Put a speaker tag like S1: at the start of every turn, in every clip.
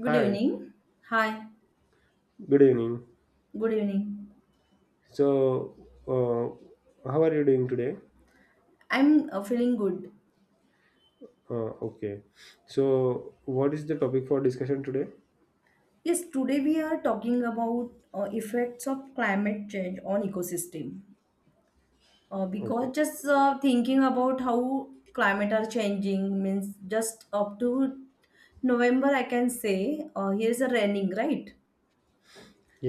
S1: Good
S2: Hi,
S1: evening. Hi.
S2: good evening.
S1: Good evening.
S2: So, how are you doing today?
S1: I'm feeling good.
S2: Okay. So, what is the topic for discussion today?
S1: Yes, today we are talking about effects of climate change on ecosystem.
S2: Okay.
S1: Because just thinking about how climate are changing means just up to November, I can say here's a raining, right?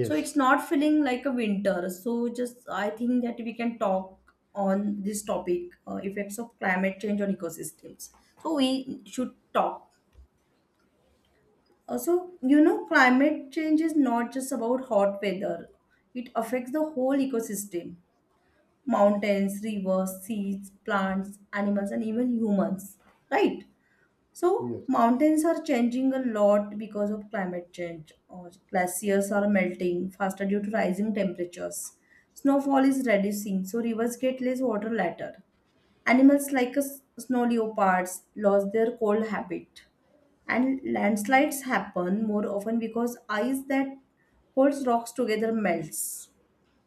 S1: So it's not feeling like a winter. So just I think that we can talk on this topic, effects of climate change on ecosystems. So we should talk. Also, you know, climate change is not just about hot weather, it affects the whole ecosystem: mountains, rivers, seas, plants, animals, and even humans. Right? So,
S2: Yes.
S1: mountains are changing a lot because of climate change. Or glaciers are melting faster due to rising temperatures. Snowfall is reducing, so rivers get less water later. Animals like snow leopards lost their cold habit, and landslides happen more often because ice that holds rocks together melts.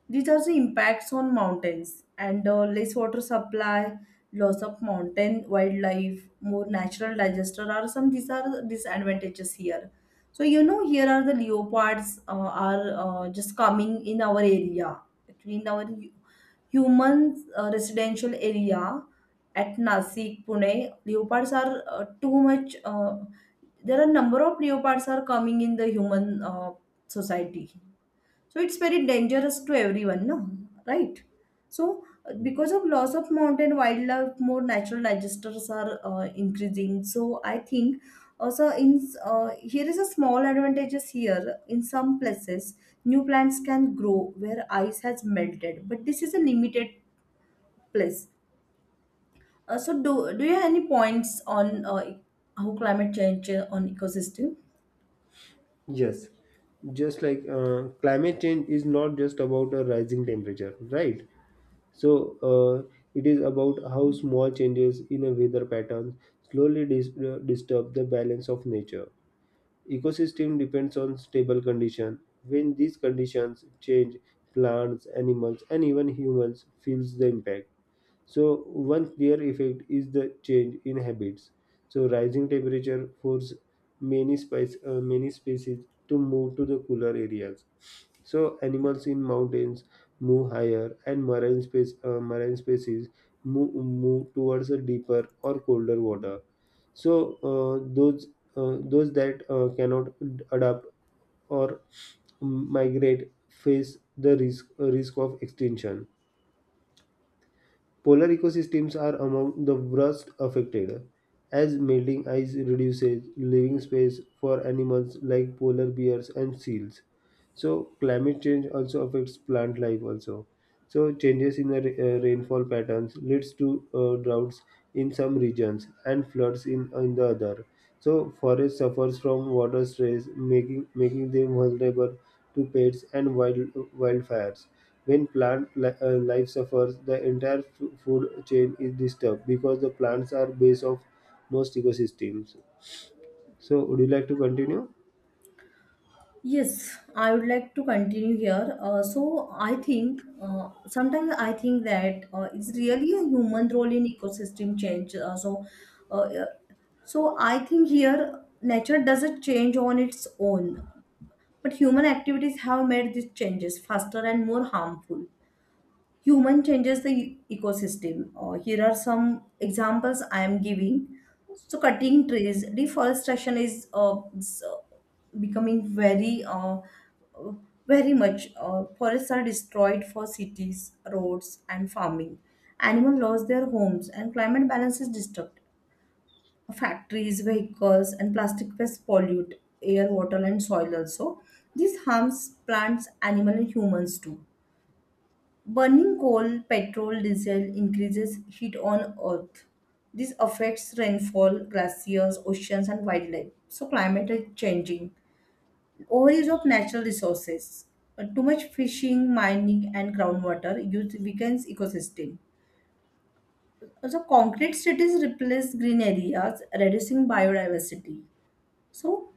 S1: These are the impacts on mountains and less water supply, loss of mountain wildlife, more natural disaster are some, these are the disadvantages here. So you know, here are the leopards are just coming in our area, actually in our human residential area at Nasik, Pune. Leopards are too much. There are number of leopards are coming in the human society, so it's very dangerous to everyone, no? Right. So because of loss of mountain wildlife, more natural disasters are increasing. So I think also, in here is a small advantages here. In some places new plants can grow where ice has melted, but this is a limited place. So do you have any points on how climate change on ecosystem?
S2: Yes. Just like climate change is not just about a rising temperature, right? So, it is about how small changes in a weather pattern slowly disturb the balance of nature. Ecosystem depends on stable condition. When these conditions change, plants, animals, and even humans feels the impact. So one clear effect is the change in habits. So rising temperature force many species to move to the cooler areas. So animals in mountains move higher, and marine species move towards a deeper or colder water. So those that cannot adapt or migrate face the risk of extinction. Polar ecosystems are among the worst affected, as melting ice reduces living space for animals like polar bears and seals. So climate change also affects plant life also. So changes in the rainfall patterns leads to droughts in some regions and floods in the other. So forest suffers from water stress, making them vulnerable to pests and wildfires. When life suffers, the entire food chain is disturbed because the plants are base of most ecosystems. So would you like to continue?
S1: Yes, I would like to continue here. So I think sometimes I think that it's really a human role in ecosystem change. Yeah. So I think here nature doesn't change on its own, but human activities have made these changes faster and more harmful. Human changes the ecosystem. Here are some examples I am giving. So cutting trees, deforestation is uh, s- uh, becoming very uh, very much. Forests are destroyed for cities, roads and farming. Animals lost their homes and climate balance is disturbed. Factories, vehicles and plastic waste pollute air, water and soil also. This harms plants, animals, and humans too. Burning coal, petrol, diesel increases heat on Earth. This affects rainfall, glaciers, oceans, and wildlife. So, climate is changing. Overuse of natural resources. Too much fishing, mining, and groundwater use weakens ecosystem. Also, concrete cities replace green areas, reducing biodiversity. So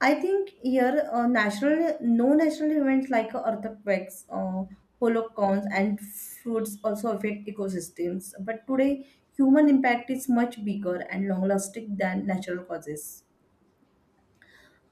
S1: I think here natural, no, natural events like earthquakes, holocaust, and floods also affect ecosystems. But today, human impact is much bigger and long-lasting than natural causes.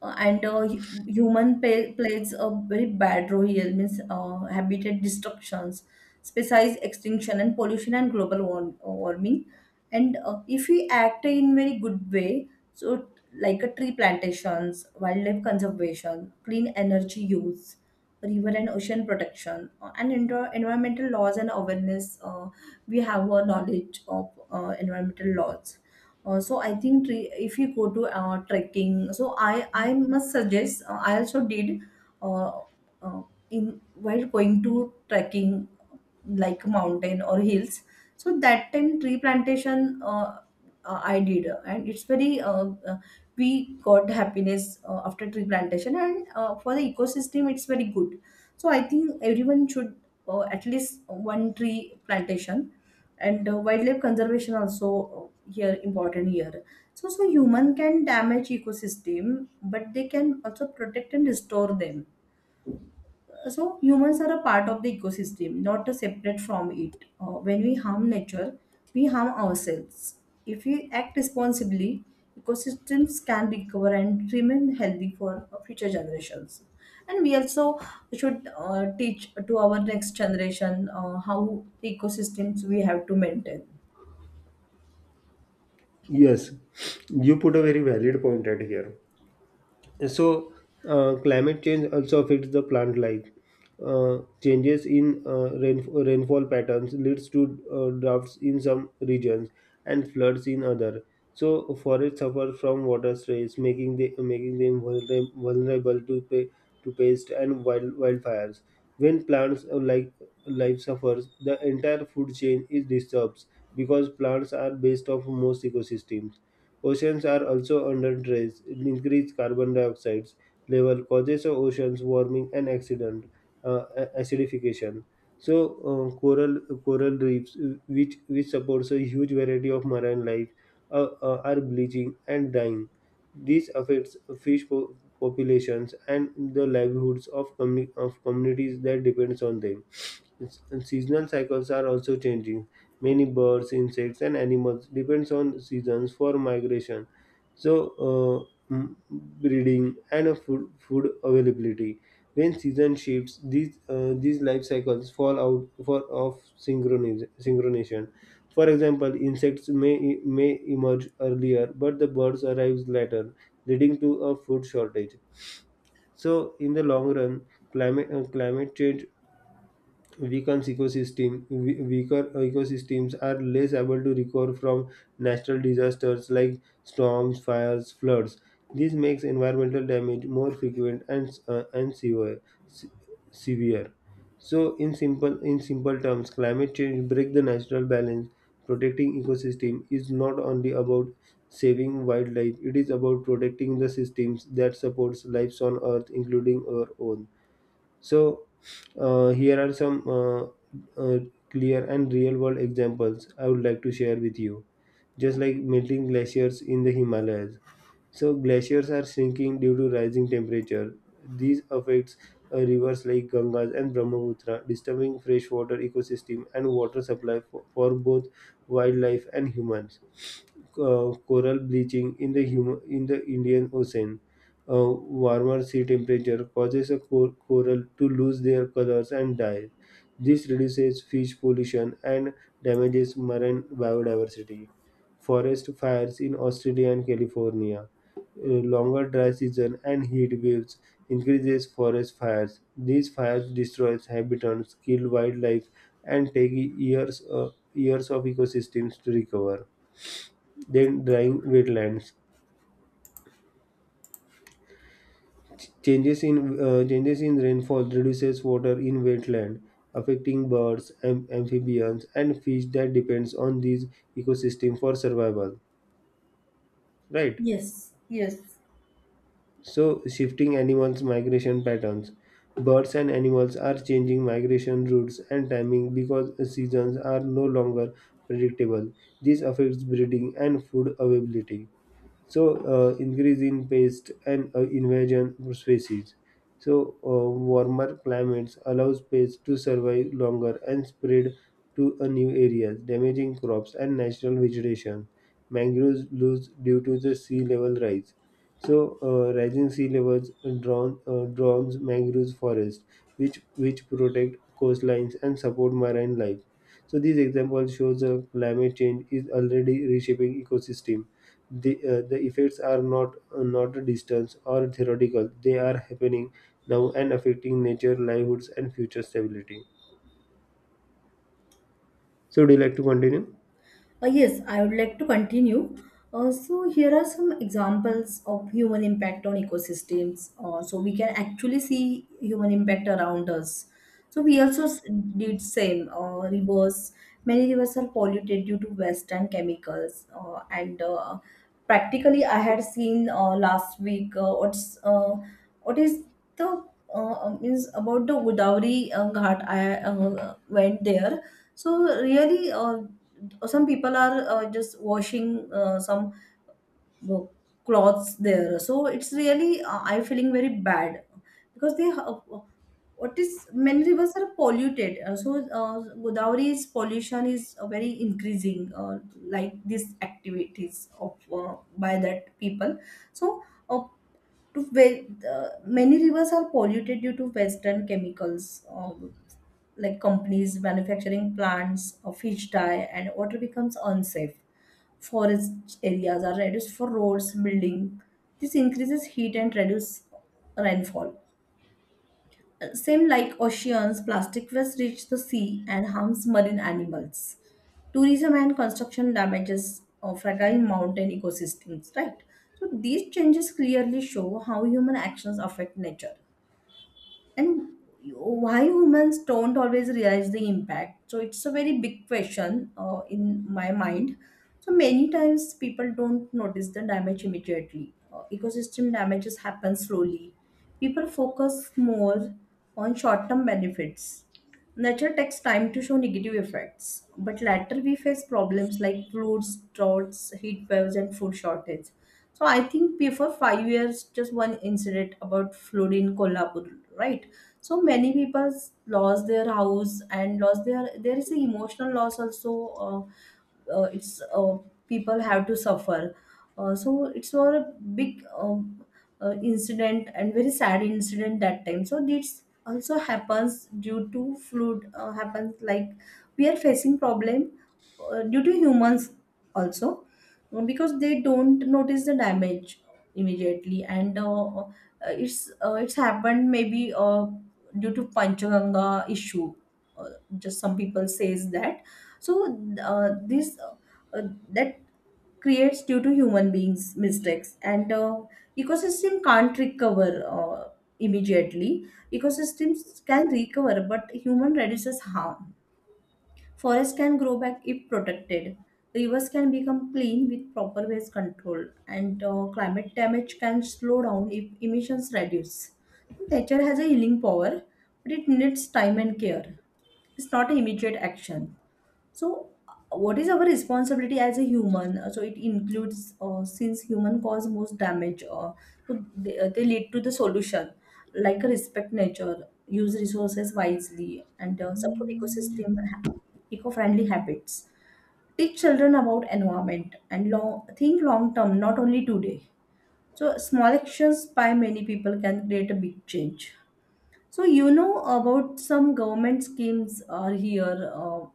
S1: Human plays a very bad role here, means habitat destructions, species extinction and pollution and global warming. And if we act in very good way, so t- like a tree plantations, wildlife conservation, clean energy use, river and ocean protection, and indoor environmental laws and awareness. We have a knowledge of environmental laws. So I think if you go to trekking, so I must suggest, I also did, uh, uh, in while going to trekking like mountain or hills, so that time tree plantation I did, and it's very we got happiness after tree plantation, and for the ecosystem it's very good. So I think everyone should at least one tree plantation, and wildlife conservation also here important here. So human can damage ecosystem, but they can also protect and restore them. So humans are a part of the ecosystem, not a separate from it. When we harm nature, we harm ourselves. If we act responsibly, ecosystems can recover and remain healthy for future generations. And we also should teach to our next generation how the ecosystems we have to maintain.
S2: Yes, you put a very valid point right here. So, climate change also affects the plant life. Changes in rainfall patterns leads to droughts in some regions and floods in other. So, forests suffer from water stress, making them vulnerable to to pests and wildfires. When plants like life suffers, the entire food chain is disturbed because plants are based off most ecosystems. Oceans are also under stress. Increased carbon dioxide level causes of oceans warming and acidification. So coral reefs, which supports a huge variety of marine life, are bleaching and dying. This affects fish populations and the livelihoods of communities that depends on them. Yes, and seasonal cycles are also changing. Many birds, insects, and animals depends on seasons for migration. So, breeding and food availability. When season shifts, these life cycles fall out for of synchronization. For example, insects may emerge earlier, but the birds arrives later, leading to a food shortage. So, in the long run, climate change weakens ecosystem. We- weaker ecosystems are less able to recover from natural disasters like storms, fires, floods. This makes environmental damage more frequent and se- severe. So in simple terms, climate change break the natural balance. Protecting ecosystem is not only about saving wildlife, it is about protecting the systems that supports lives on earth, including our own. So, here are some uh, clear and real world examples I would like to share with you, just like melting glaciers in the Himalayas. So, glaciers are shrinking due to rising temperature. These affects rivers like Gangas and Brahmaputra, disturbing freshwater ecosystem and water supply for both wildlife and humans. Uh, coral bleaching in the in the Indian Ocean. A warmer sea temperature causes a coral to lose their colors and die. This reduces fish pollution and damages marine biodiversity. Forest fires in Australia and California. A longer dry season and heat waves increases forest fires. These fires destroy habitats, kill wildlife, and take years, years of ecosystems to recover. Then drying wetlands. Changes in rainfall reduces water in wetland, affecting birds, amphibians, and fish that depends on these ecosystem for survival. Right.
S1: Yes, yes.
S2: So shifting animals' migration patterns. Birds and animals are changing migration routes and timing because seasons are no longer predictable. This affects breeding and food availability. So increase in pest and invasion of species. So warmer climates allows pests to survive longer and spread to a new areas, damaging crops and natural vegetation. Mangroves lose due to the sea level rise. So rising sea levels drowns mangroves forest, which protect coastlines and support marine life. So these examples shows the climate change is already reshaping ecosystem. The the effects are not not a distance or theoretical. They are happening now and affecting nature, livelihoods, and future stability. So would you like to continue?
S1: Yes, I would like to continue. So here are some examples of human impact on ecosystems. So we can actually see human impact around us. So we also did same. Rivers, many rivers are polluted due to waste and chemicals. And Practically, I had seen last week what is the means about the Godavari Ghat. I went there. So really, some people are just washing some uh, cloths there, so it's really I feeling very bad because they what is many rivers are polluted. Godavari's pollution is very increasing like these activities of by that people. so uh, to ve- Many rivers are polluted due to western chemicals. Like companies manufacturing plants of fish dye, and water becomes unsafe. Forest areas are reduced for roads building. This increases heat and reduces rainfall. Uh, same like oceans, plastic waste reach the sea and harms marine animals. Tourism and construction damages fragile mountain ecosystems, right? So these changes clearly show how human actions affect nature, and why humans don't always realize the impact. So it's a very big question in my mind. So many times people don't notice the damage immediately. Ecosystem damages happen slowly. People focus more on short term benefits. Nature takes time to show negative effects, but later we face problems like floods, droughts, heat waves, and food shortage. So I think before 5 years, just one incident about flood in Kolhapur, right? So many people lost their house and lost their. There is an emotional loss also. It's People have to suffer. So it's not a big incident, and very sad incident that time. So this also happens due to flood happens like we are facing problem due to humans also because they don't notice the damage immediately, and it's happened maybe due to panchaganga issue. uh, just some people says that. So this That creates due to human beings mistakes, and ecosystem can't recover immediately. Ecosystems can recover, but human reduces harm. Forests can grow back if protected. Rivers can become clean with proper waste control, and climate damage can slow down if emissions reduce. Nature has a healing power, but it needs time and care. It's not an immediate action. So, what is our responsibility as a human? So, it includes since human cause most damage, they lead to the solution, like respect nature, use resources wisely, and support ecosystem eco-friendly habits. Teach children about environment and think long term, not only today. So, small actions by many people can create a big change. So you know about some government schemes are here.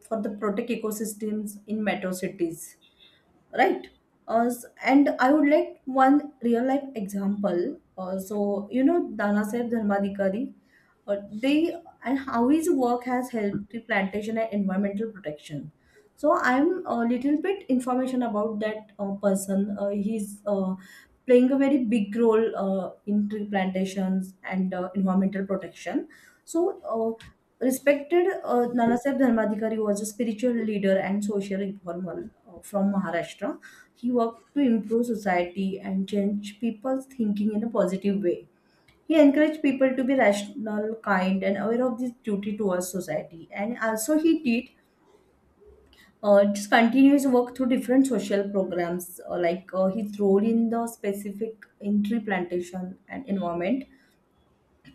S1: For the protect ecosystems in metro cities, right? Uh, s- and i would like one real life example. So you know, dana Saheb dharmadikari, uh, they, and how his work has helped the plantation and environmental protection. So I'm a little bit information about that person. He's playing a very big role in tree plantations and environmental protection. So, respected Nanaseb Dharmadikari was a spiritual leader and social reformer from Maharashtra. He worked to improve society and change people's thinking in a positive way. He encouraged people to be rational, kind, and aware of this duty towards society. And also, he did just continue his work through different social programs, his role in the specific in tree plantation and environment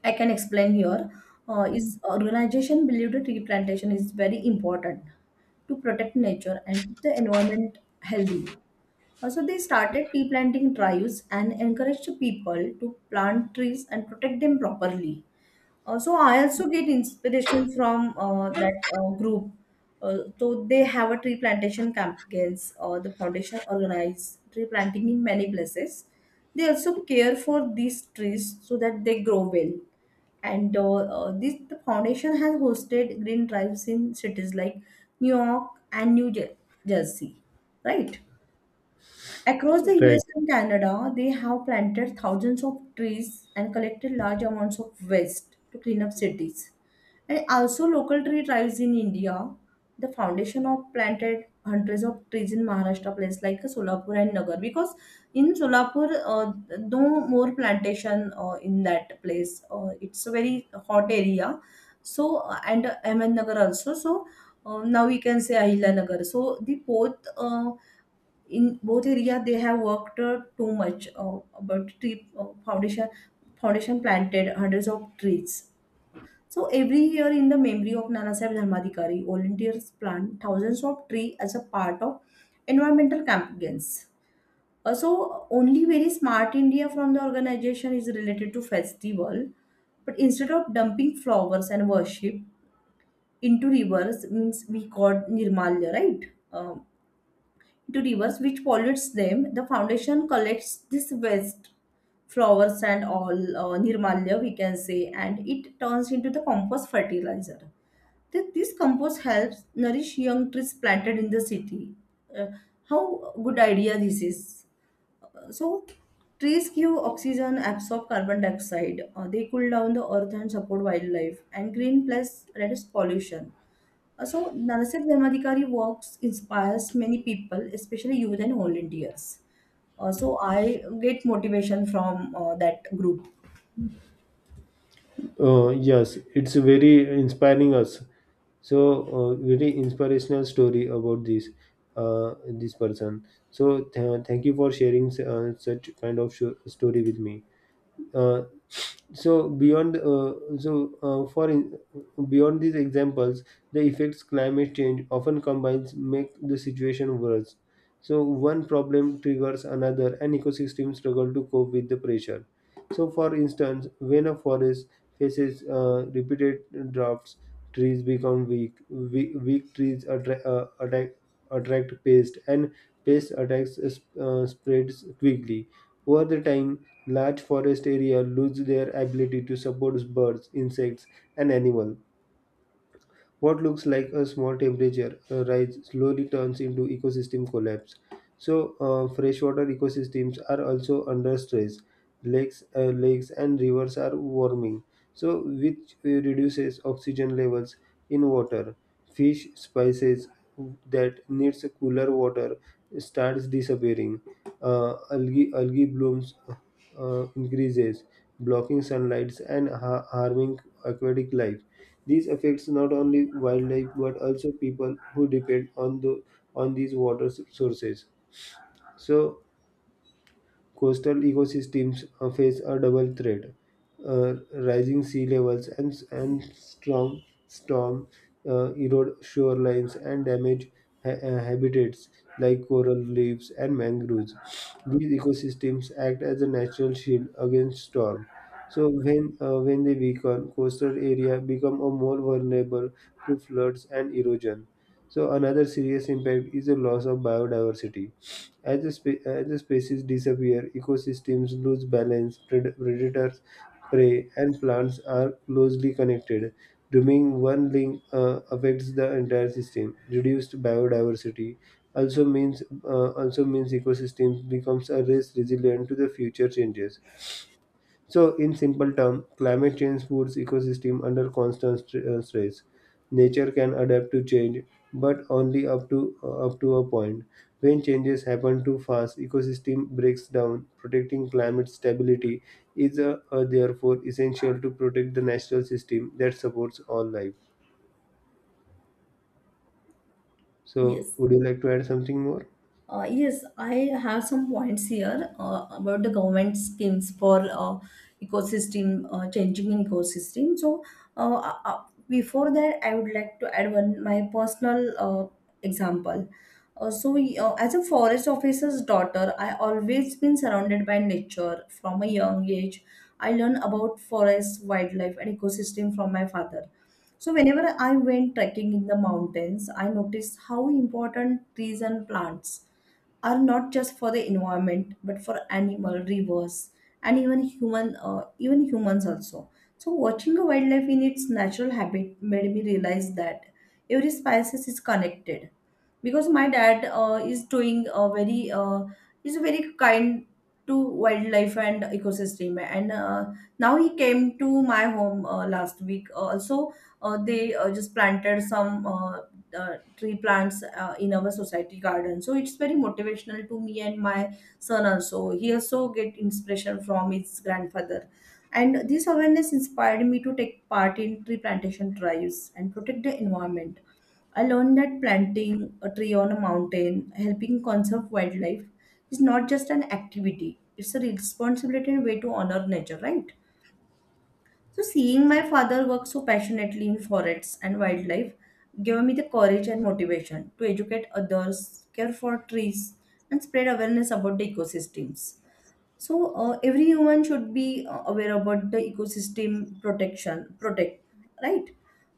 S1: I can explain here. Is organization believe that tree plantation is very important to protect nature and keep the environment healthy. Also, they started tree planting drives and encouraged people to plant trees and protect them properly. So I also get inspiration from that group. So they have a tree plantation campaigns. The foundation organize tree planting in many places. They also care for these trees so that they grow well. And this the foundation has hosted green drives in cities like New York and Jersey, right? Across the US
S2: Right.
S1: and Canada, they have planted thousands of trees and collected large amounts of waste to clean up cities. And also, local tree tribes in India, the foundation of planted hundreds of trees in Maharashtra, place like Solapur and Nagar, because in Solapur, no more plantation in that place. It's a very hot area. So, and Ahmednagar also. So, now we can say Ahilanagar. So, the both in both area they have worked too much about tree foundation planted hundreds of trees. So every year, in the memory of Nana Saheb Dharmadikari, volunteers plant thousands of trees as a part of environmental campaigns. So only very smart India from the organization is related to festival, but instead of dumping flowers and worship into rivers, means we got nirmalya, right? um, to rivers which pollutes them. The foundation collects this waste, flowers and all, nirmalya we can say, and it turns into the compost fertilizer. This compost helps nourish young trees planted in the city. Uh, how good idea this is. So trees give oxygen, absorb carbon dioxide. They cool down the earth and support wildlife. And green plus reduce pollution. So, Narasimha Dharmadikari works inspires many people, especially youth and volunteers. So, I get motivation from that group.
S2: Yes, it's very inspiring us. So very inspirational story about this person. So thank you for sharing such kind of story with me. Uh, so beyond so for in, Beyond these examples, the effects climate change often combines make the situation worse. So one problem triggers another and ecosystems struggle to cope with the pressure. So, for instance, when a forest faces repeated droughts, trees become weak. Weak trees attract pests, and pest attacks spreads quickly. Over the time, large forest area lose their ability to support birds, insects, and animals. What looks like a small temperature rise slowly turns into ecosystem collapse. So, freshwater ecosystems are also under stress. Lakes and rivers are warming, so which reduces oxygen levels in water. Fish species that needs cooler water starts disappearing. Algae blooms increases, blocking sunlight and harming aquatic life. This affects not only wildlife but also people who depend on the on these water sources. So coastal ecosystems face a double threat: uh, rising sea levels and strong storm erode shorelines and damage habitats like coral reefs and mangroves. These ecosystems act as a natural shield against storm. So when they weaken, coastal area become a more vulnerable to floods and erosion. So another serious impact is the loss of biodiversity. As as the species disappear, ecosystems lose balance, predators, prey, and plants are closely connected. Removing one link affects the entire system. Reduced biodiversity also means ecosystems becomes a less resilient to the future changes. So, in simple terms, climate change puts ecosystem under constant stress. Nature can adapt to change, but only up to up to a point. When changes happen too fast, ecosystem breaks down. Protecting climate stability is therefore essential to protect the natural system that supports all life. So,
S1: Yes.
S2: would you like to add something more?
S1: Yes, I have some points here about the government schemes for ecosystem changing in ecosystem. So, uh, uh, uh, before that, I would like to add one my personal example. As a forest officer's daughter, I always been surrounded by nature from a young age. I learned about forests, wildlife, and ecosystem from my father. So, whenever I went trekking in the mountains, I noticed how important trees and plants are, not just for the environment but for animal rivers and even human, even humans also. So, watching a wildlife in its natural habit made me realize that every species is connected, because my dad is very kind to wildlife and ecosystem. And now he came to my home last week also. They Just planted some tree plants in our society garden, so it's very motivational to me. And my son also, he also get inspiration from his grandfather. And this awareness inspired me to take part in tree plantation drives and protect the environment. I learned that planting a tree on a mountain, helping conserve wildlife, is not just an activity, it's a responsibility and way to honor nature, right? So, seeing my father work so passionately in forests and wildlife gave me the courage and motivation to educate others, care for trees, and spread awareness about the ecosystems. So, every human should be aware about the ecosystem protection, protect, right?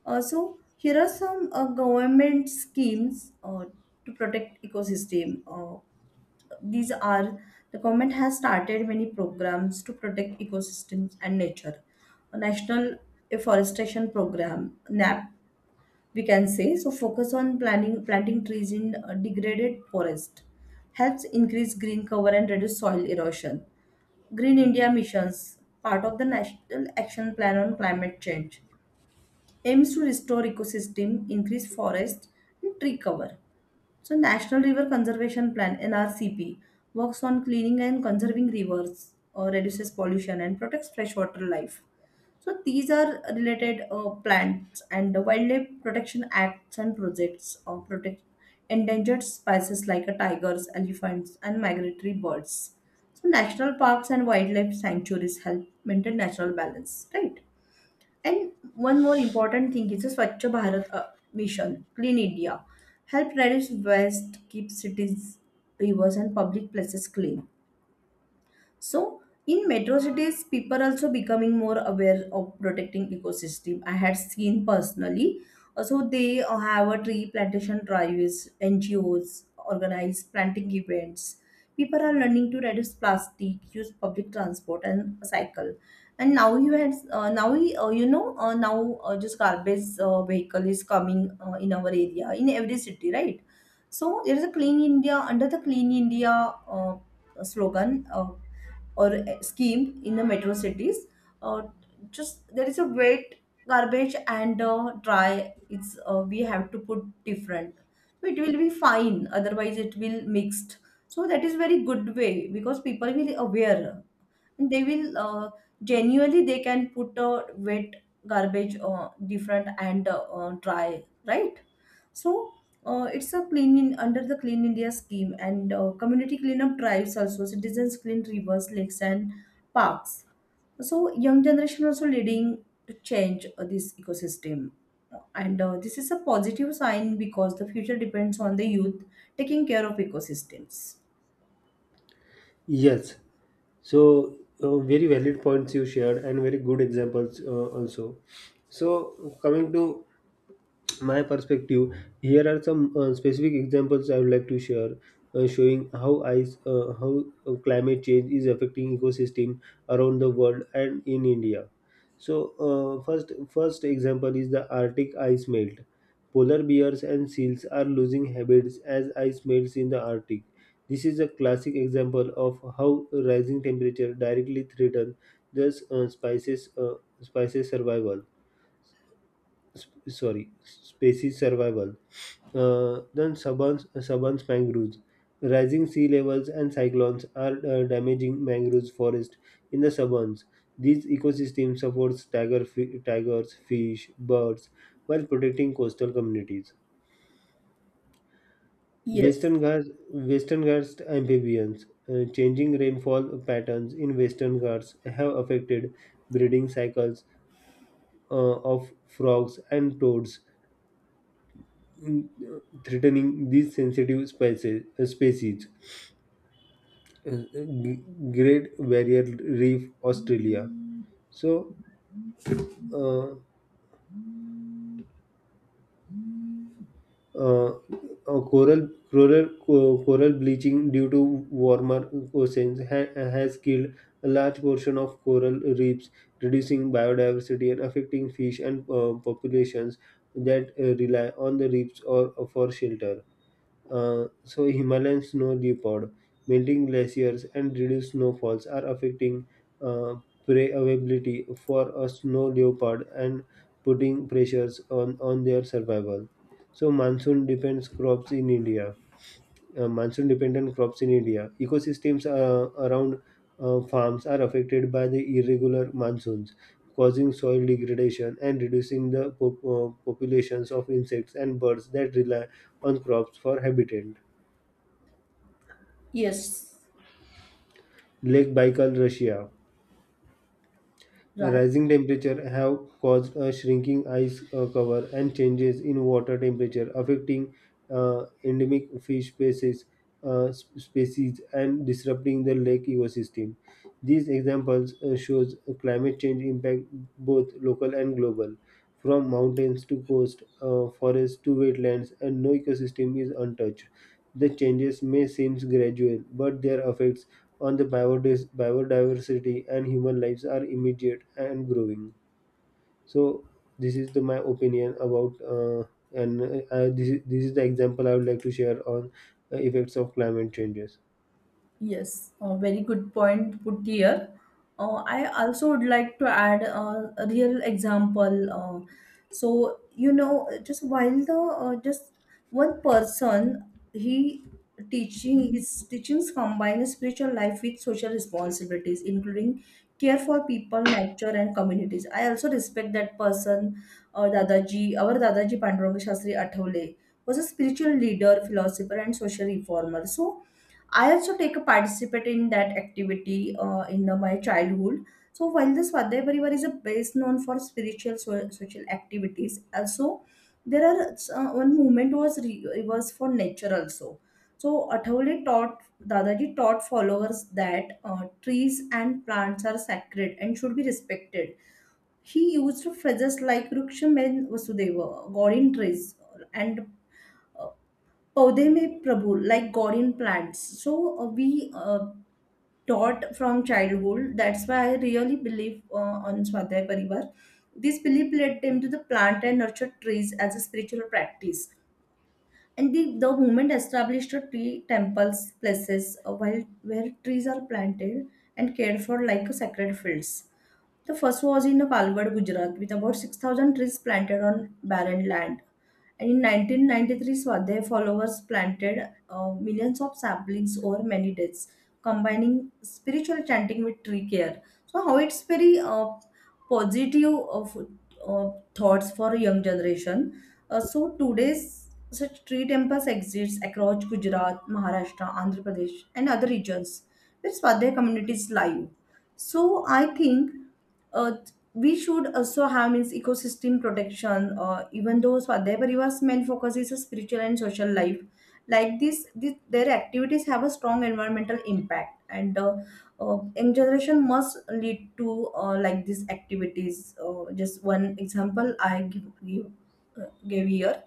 S1: Here are some government schemes to protect ecosystem. These are, the government has started many programs to protect ecosystems and nature. A national afforestation program (NAP), we can say, so focus on planting trees in degraded forest, helps increase green cover and reduce soil erosion. Green India missions, part of the National Action Plan on Climate Change, aims to restore ecosystem, increase forest and tree cover. So, National River Conservation Plan (NRCP) works on cleaning and conserving rivers, reduces pollution, and protects freshwater life. So, these are related plants. And the Wildlife Protection Acts and projects protect endangered species like tigers, elephants, and migratory birds. So, national parks and wildlife sanctuaries help maintain natural balance, right? And one more important thing is the Swachh Bharat mission, Clean India, help reduce waste, keep cities, rivers, and public places clean. So in metro cities, people also becoming more aware of protecting ecosystem. I had seen personally. So they have a tree plantation drives, NGOs organize planting events. People are learning to reduce plastic, use public transport, and cycle. And now you had now we, you know now just garbage vehicle is coming in our area in every city, right? So there is a clean India, under the clean India uh, slogan. Or Scheme in the metro cities. Uh, just there is a wet garbage and dry. It's we have to put different. So it will be fine. Otherwise, it will mixed. So that is very good way, because people will aware, they will genuinely they can put a wet garbage different, and dry, right? So, it's a clean in, under the clean India scheme. And community cleanup drives, also citizens clean rivers, lakes, and parks. So young generation also leading to change this ecosystem, and this is a positive sign, because the future depends on the youth taking care of ecosystems.
S2: Yes. So, very valid points you shared and very good examples also. So, coming to my perspective, here are some specific examples I would like to share showing how ice how climate change is affecting ecosystem around the world and in India. So first example is the Arctic ice melt. Polar bears and seals are losing habits as ice melts in the Arctic. This is a classic example of how rising temperature directly threaten the species species survival sp- sorry species survival. Then suburban mangroves. Rising sea levels and cyclones are damaging mangroves forest in the suburbs. These ecosystems support tigers, fish, birds, while protecting coastal communities.
S1: Yes.
S2: Western Ghats amphibians. Uh, changing rainfall patterns in Western Ghats have affected breeding cycles of frogs and toads, mm, threatening these sensitive species. Uh, G- Great Barrier Reef, Australia. So, uh, uh, uh, coral coral bleaching due to warmer oceans has killed a large portion of coral reefs, reducing biodiversity and affecting fish and populations that rely on the reefs or for shelter. So Himalayan snow leopard, melting glaciers, and reduced snowfalls are affecting uh, prey availability for a snow leopard and putting pressures on their survival. So monsoon depends crops in India. Monsoon dependent crops in India. Ecosystems around farms are affected by the irregular monsoons, causing soil degradation and reducing the populations of insects and birds that rely on crops for habitat.
S1: Yes.
S2: Lake Baikal, Russia.
S1: Right.
S2: Rising temperature have caused a shrinking ice cover and changes in water temperature, affecting endemic fish species, species, and disrupting the lake ecosystem. These examples shows climate change impact both local and global, from mountains to coast, forests to wetlands, and no ecosystem is untouched. The changes may seem gradual, but their effects on the biodiversity and human lives are immediate and growing. So this is my opinion about and I- this is the example I would like to share on effects of climate changes.
S1: Yes, a very good point put here. I also would like to add a real example. So, you know, just while the just one person, he teaching, his teachings combine spiritual life with social responsibilities, including care for people, nature, and communities. I also respect that person, Dadaji, our Dadaji Panduranga Shastri Athawale, was a spiritual leader, philosopher, and social reformer. So I also take a participate in that activity in my childhood. So while the Swadhyay Parivar is a best known for spiritual social activities, also there are one movement was reverse for nature also. So Athawale taught Dadaji taught followers that trees and plants are sacred and should be respected. He used phrases like Ruksham and Vasudeva, God in trees, and uh, Paude mein Prabhu, like God in plants. So we taught from childhood. That's why I really believe on Swadhyay Parivar. This belief led them to the plant and nurture trees as a spiritual practice. And the movement established a tree temples, places while, where trees are planted and cared for like a sacred fields. The first was in Palgad, Gujarat, with about 6,000 trees planted on barren land. And in 1993, Swadhyay followers planted millions of saplings over many days, combining spiritual chanting with tree care. So, how it's very positive of uh, thoughts for a young generation. Today's such tree temples exists across Gujarat, Maharashtra, Andhra Pradesh, and other regions where Swadhyay communities live. So, I think uh, we should also have, means, ecosystem protection. Even though Swadhyay Parivar's main focus is a spiritual and social life like this their activities have a strong environmental impact. And young generation must lead to like these activities. Just one example I give, gave here.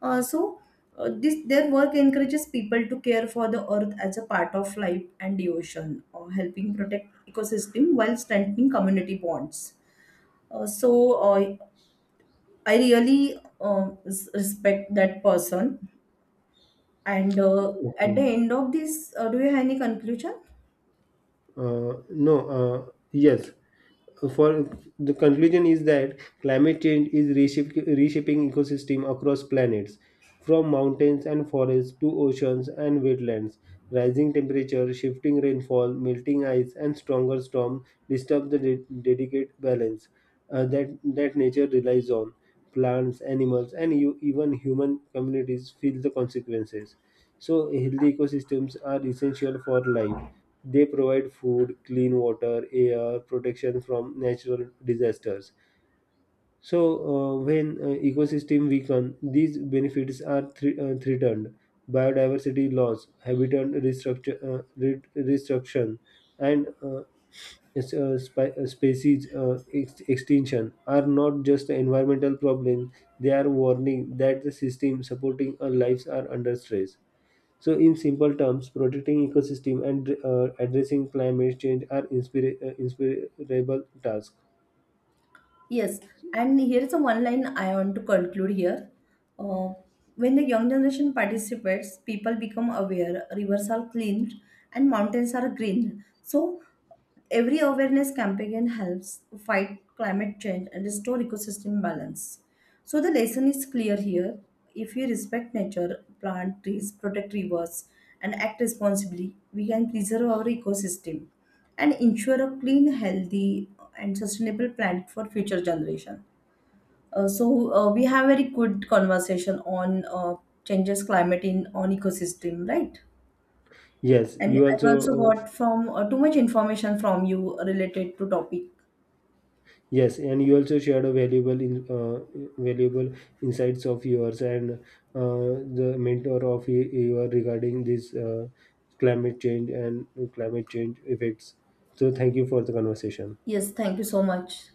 S1: uh, so this their work encourages people to care for the earth as a part of life and the ocean, helping protect ecosystem while strengthening community bonds. Uh, so uh, I really respect that person. And at
S2: Okay.
S1: the end of this, do you have any conclusion?
S2: No, Yes. For the conclusion is that climate change is reshaping ecosystem across planets, from mountains and forests to oceans and wetlands. Rising temperature, shifting rainfall, melting ice, and stronger storm disturb the delicate balance that nature relies on. Plants, animals, and you, even human communities feel the consequences. So, healthy ecosystems are essential for life. They provide food, clean water, air, protection from natural disasters. So, when ecosystem weaken, these benefits are threatened. Biodiversity loss, habitat restructure, restruction, and species extinction are not just environmental problems; they are warning that the system supporting our lives are under stress. So, in simple terms, protecting ecosystem and addressing climate change are inspirable tasks.
S1: Yes, and here is a one line I want to conclude here. Uh, when the young generation participates, people become aware, rivers are cleaned and mountains are green. So every awareness campaign helps fight climate change and restore ecosystem balance. So the lesson is clear here. If we respect nature, plant trees, protect rivers, and act responsibly, we can preserve our ecosystem and ensure a clean, healthy, and sustainable planet for future generation. We have very good conversation on changes climate in on ecosystem, right?
S2: Yes,
S1: And
S2: you
S1: I've also
S2: also
S1: got from too much information from you related to topic.
S2: yes, and you also shared a valuable insights of yours and the mentor of your regarding this climate change and climate change effects. So, thank you for the conversation.
S1: Yes, thank you so much.